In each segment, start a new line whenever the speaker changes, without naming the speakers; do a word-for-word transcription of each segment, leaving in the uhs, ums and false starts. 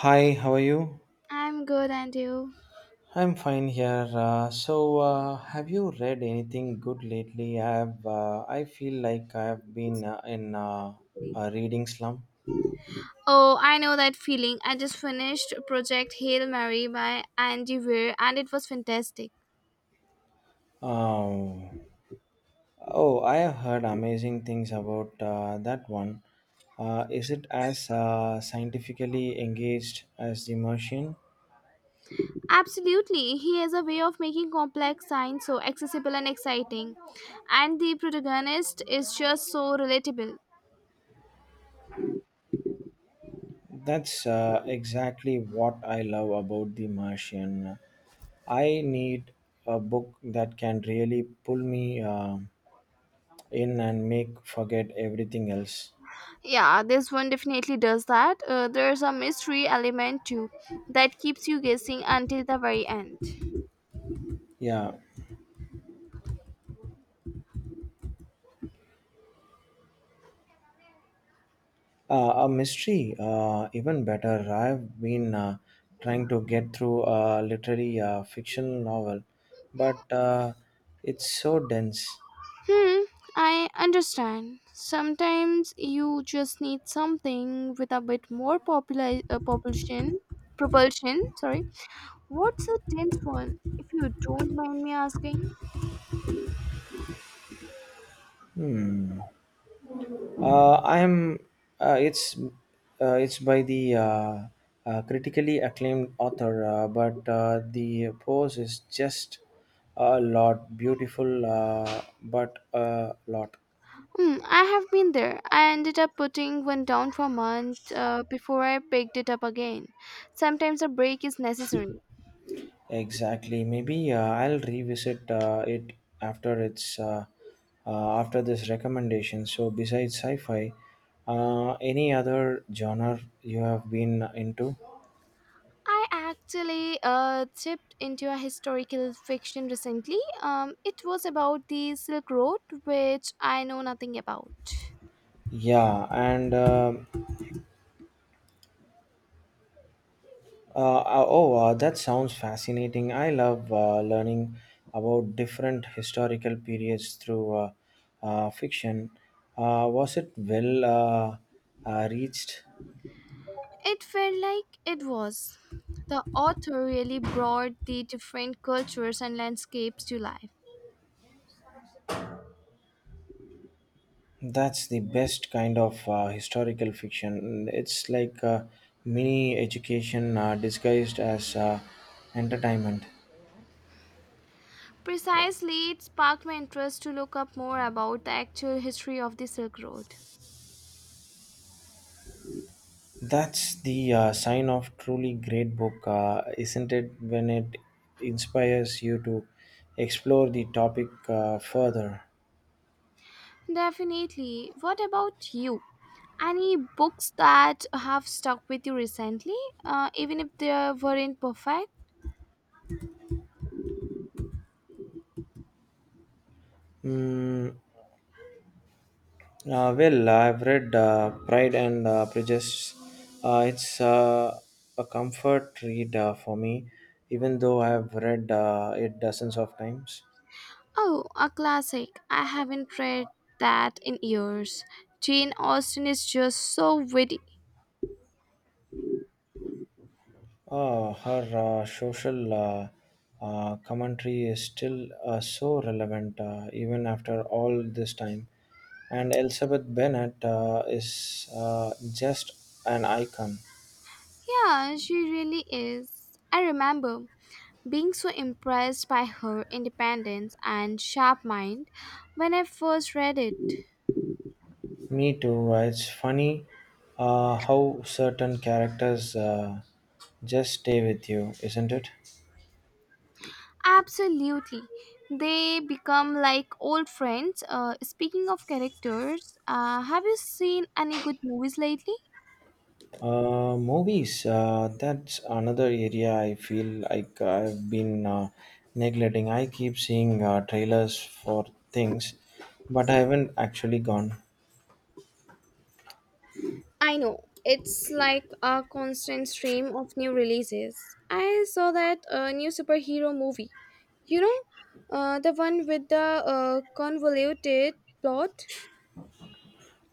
Hi, how are you?
I'm good, and you?
I'm fine here. Uh, so, uh, have you read anything good lately? I've uh, I feel like I've been uh, in uh, a reading slump.
Oh, I know that feeling. I just finished Project Hail Mary by Andy Weir, and it was fantastic.
Um, oh, I have heard amazing things about uh, that one. Uh, is it as uh, scientifically engaged as The Martian?
Absolutely, he has a way of making complex science so accessible and exciting, and the protagonist is just so relatable.
That's uh, exactly what I love about The Martian. I need a book that can really pull me. um in and make forget everything else.
Yeah, this one definitely does that. Uh, there's a mystery element too that keeps you guessing until the very end.
Yeah, uh, a mystery, uh, even better. I've been uh, trying to get through a literary uh, fictional novel, but uh, it's so dense.
Hmm, I understand. Sometimes you just need something with a bit more popular uh, propulsion. Propulsion, sorry. What's a dense one, if you don't mind me asking?
Uh, I'm. Uh, it's uh, It's by the uh, uh, critically acclaimed author, uh, but uh, the prose is just a lot beautiful, uh, but a lot.
Hmm, I have been there. I ended up putting one down for a month uh, before I picked it up again. Sometimes a break is necessary.
Exactly. Maybe uh, I'll revisit uh, it after it's uh, uh, after this recommendation. So besides sci-fi, uh, any other genre you have been into?
I actually uh, dipped into a historical fiction recently. Um, it was about the Silk Road, which I know nothing about.
Yeah, and uh, uh, uh, oh, uh, that sounds fascinating. I love uh, learning about different historical periods through uh, uh, fiction. Uh, was it well uh, uh, reached?
It felt like it was. The author really brought the different cultures and landscapes to life.
That's the best kind of uh, historical fiction. It's like uh, mini education uh, disguised as uh, entertainment.
Precisely, it sparked my interest to look up more about the actual history of the Silk Road.
That's the uh, sign of truly great book, uh, isn't it? When it inspires you to explore the topic uh, further.
Definitely. What about you? Any books that have stuck with you recently, uh, even if they weren't perfect?
Mm. Uh, well, I've read uh, Pride and uh, Prejudice. Uh, it's uh, a comfort read uh, for me, even though I've read uh, it dozens of times.
Oh, a classic. I haven't read that in years. Jane Austen is just so witty.
Uh, her uh, social uh, uh, commentary is still uh, so relevant, uh, even after all this time. And Elizabeth Bennet uh, is uh, just an icon.
Yeah, she really is. I remember being so impressed by her independence and sharp mind when I first read it.
Me too. Uh, It's funny uh, how certain characters uh, just stay with you, isn't it?
Absolutely. They become like old friends. Uh, speaking of characters, uh, have you seen any good movies lately?
Uh, movies. Uh, that's another area I feel like I've been uh, neglecting. I keep seeing uh, trailers for things, but I haven't actually gone.
I know. It's like a constant stream of new releases. I saw that uh, new superhero movie. You know, uh, the one with the uh, convoluted plot?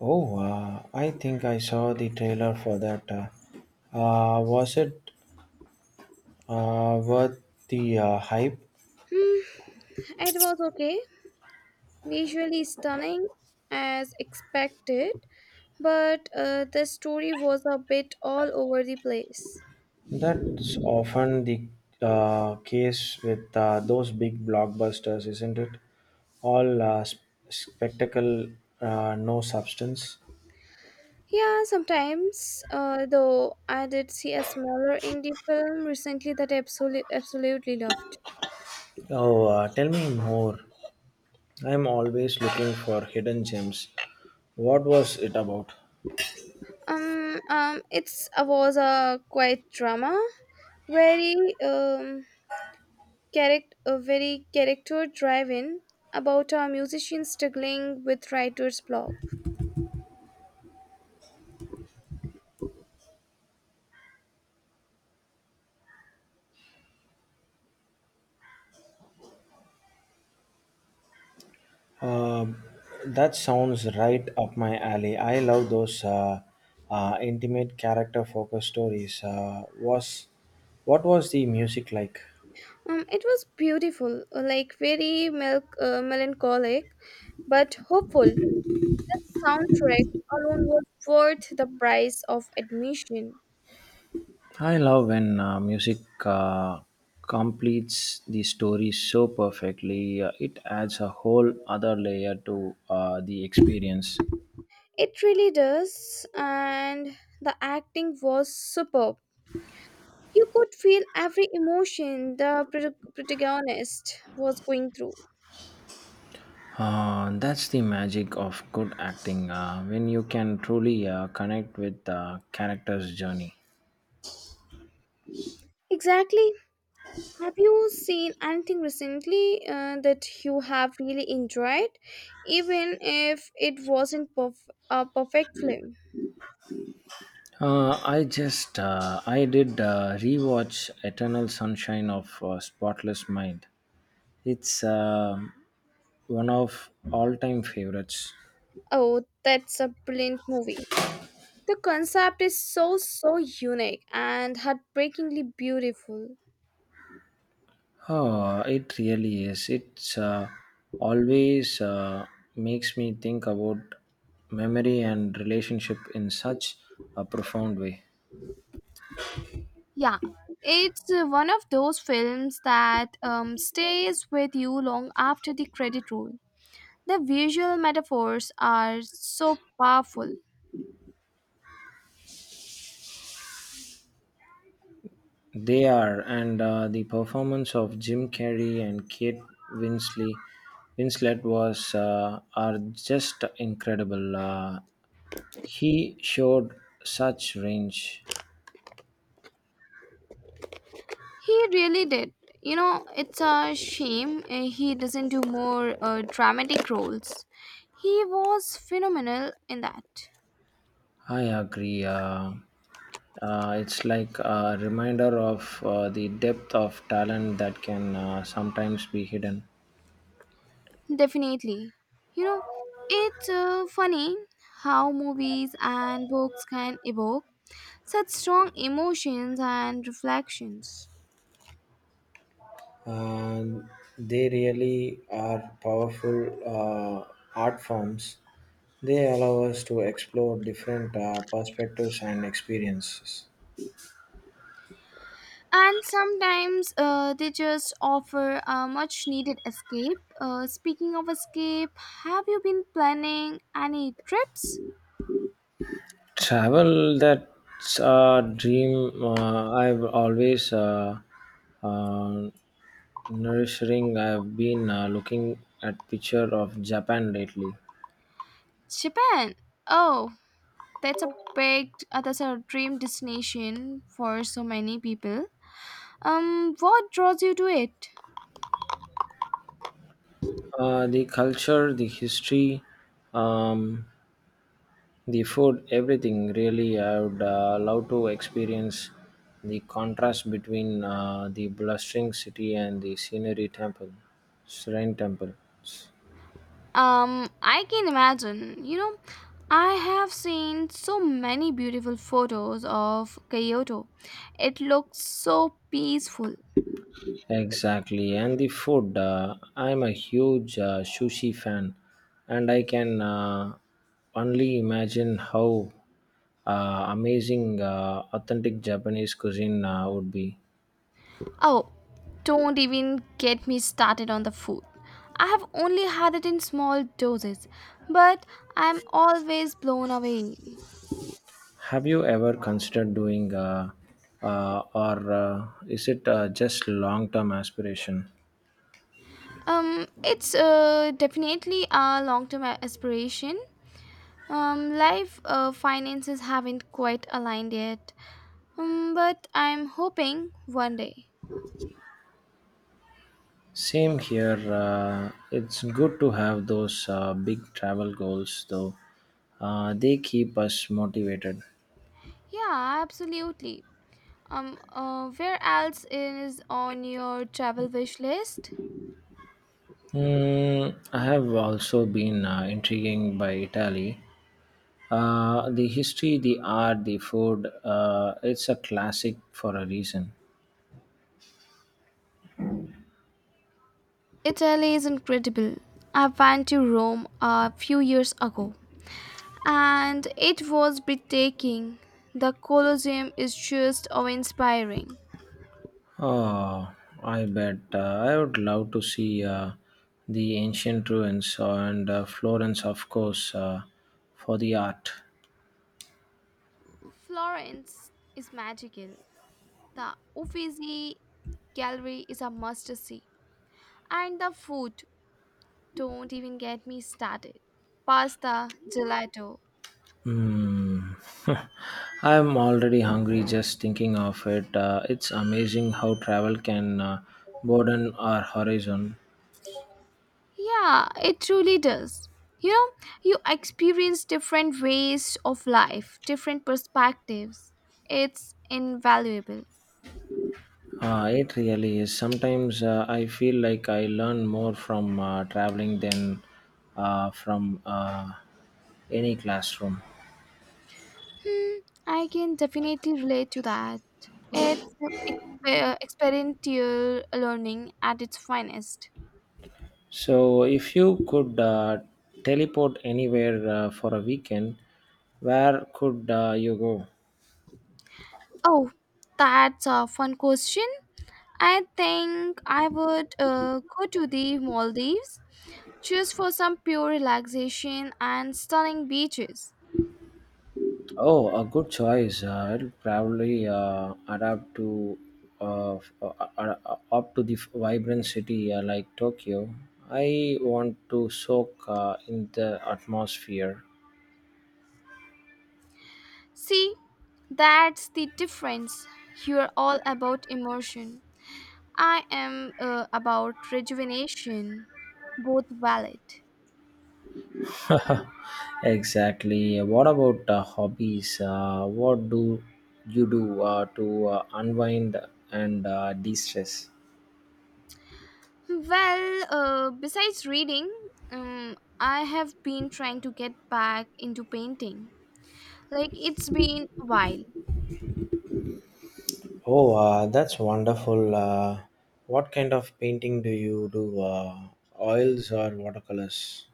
Oh, uh, I think I saw the trailer for that. Uh, uh, was it uh, worth the uh, hype?
Hmm, it was okay. Visually stunning as expected, but uh, the story was a bit all over the place.
That's often the uh, case with uh, those big blockbusters, isn't it? All uh, sp- spectacle, uh, no substance.
Yeah, sometimes, uh, though, I did see a smaller indie film recently that I absolutely, absolutely loved.
Oh, uh, tell me more. I'm always looking for hidden gems. What was it about?
Um, um, it's uh, was a quite drama, very um character, uh, very character driven about a musician struggling with writer's block.
Um, that sounds right up my alley. I love those uh, uh, intimate character focused stories. Uh, was What was the music like?
Um, it was beautiful, uh, like very milk, uh, melancholic, but hopeful. That soundtrack alone was worth the price of admission.
I love when uh, music uh, completes the story so perfectly. Uh, it adds a whole other layer to uh, the experience.
It really does, and the acting was superb. You could feel every emotion the prot- protagonist was going through.
Uh, that's the magic of good acting uh, when you can truly uh, connect with the character's journey.
Exactly. Have you seen anything recently uh, that you have really enjoyed, even if it wasn't perf- a perfect film?
Uh, I just uh, I did uh, rewatch Eternal Sunshine of uh, Spotless Mind. It's uh, one of all-time favorites.
Oh, that's a brilliant movie. The concept is so, so unique and heartbreakingly beautiful.
Oh, it really is. It's uh, always uh, makes me think about memory and relationship in such a profound way.
Yeah, it's uh, one of those films that um, stays with you long after the credit roll. The visual metaphors are so powerful.
They are, and uh, the performance of Jim Carrey and Kate Winsley, Winslet was uh, are just incredible. Uh, he showed such range.
He really did. You know, it's a shame uh, he doesn't do more uh, dramatic roles. He was phenomenal in that.
I agree. Uh, uh, it's like a reminder of uh, the depth of talent that can uh, sometimes be hidden.
Definitely. You know, it's uh, funny how movies and books can evoke such strong emotions and reflections.
Uh, they really are powerful uh, art forms. They allow us to explore different uh, perspectives and experiences.
And sometimes uh, they just offer a much needed escape. Uh, speaking of escape, have you been planning any trips?
Travel, that's a dream uh, I've always uh, uh, nourishing. I've been uh, looking at picture of Japan lately.
Japan. Oh, that's a big, uh, that's a dream destination for so many people. Um, what draws you to it?
Uh, the culture, the history, um, the food, everything really. I would uh, love to experience the contrast between uh, the blustering city and the scenery temple, shrine temple.
Um, I can imagine. You know, I have seen so many beautiful photos of Kyoto. It looks so peaceful.
Exactly, and the food. Uh, I'm a huge uh, sushi fan, and I can uh, only imagine how uh, amazing uh, authentic Japanese cuisine uh, would be.
Oh, don't even get me started on the food. I have only had it in small doses, but I'm always blown away.
Have you ever considered doing, uh, uh, or uh, is it uh, just long-term aspiration?
Um, it's uh, definitely a long-term aspiration. Um, life uh, finances haven't quite aligned yet, um, but I'm hoping one day.
Same here. Uh, it's good to have those uh, big travel goals, though. Uh, they keep us motivated.
Yeah, absolutely. Um, uh, where else is on your travel wish list?
Hmm, I have also been uh, intrigued by Italy. Uh, the history, the art, the food, uh, it's a classic for a reason.
Italy is incredible. I went to Rome a few years ago and it was breathtaking. The Colosseum is just awe inspiring.
Oh, I bet. Uh, I would love to see uh, the ancient ruins and uh, Florence, of course, uh, for the art.
Florence is magical. The Uffizi Gallery is a must see. And the food, don't even get me started. Pasta, gelato.
Hmm. I'm already hungry just thinking of it. Uh, it's amazing how travel can uh, broaden our horizon.
Yeah, it truly does. You know, you experience different ways of life, different perspectives. It's invaluable.
Uh, it really is. Sometimes uh, I feel like I learn more from uh, traveling than uh, from uh, any classroom.
Hmm, I can definitely relate to that. It's exper- experiential learning at its finest.
So, if you could uh, teleport anywhere uh, for a weekend, where could uh, you go?
Oh, that's a fun question. I think I would uh, go to the Maldives just for some pure relaxation and stunning beaches.
Oh, a good choice. Uh, it'll probably uh, adapt to uh, f- uh, uh, uh, uh, up to the f- vibrant city uh, like Tokyo. I want to soak uh, in the atmosphere.
See, that's the difference. You're all about emotion. I am uh, about rejuvenation, both valid.
Exactly. What about uh, hobbies? Uh, what do you do uh, to uh, unwind and uh, de-stress?
Well, uh, besides reading, um, I have been trying to get back into painting. Like, it's been a while.
Oh, uh, that's wonderful. Uh, what kind of painting do you do? Uh, oils or watercolors?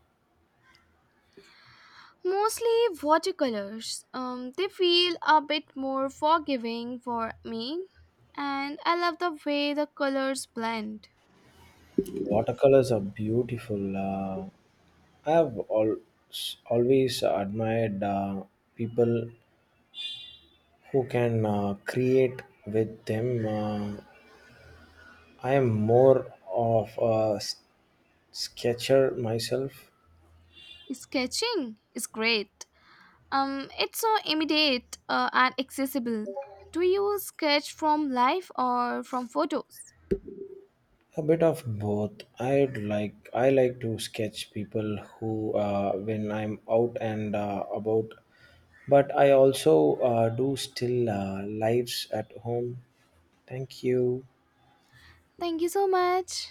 Mostly watercolors. Um, they feel a bit more forgiving for me, and I love the way the colors blend.
Watercolors are beautiful. Uh, I have al- always admired uh, people who can uh, create with them. Uh, I am more of a s- sketcher myself,
Sketching is great. Um, it's so immediate uh, and accessible. Do you sketch from life or from photos?
a bit of both. I'd like I like to sketch people who uh, when I'm out and uh, about, but I also uh, do still uh, lives at home. Thank you.
Thank you so much.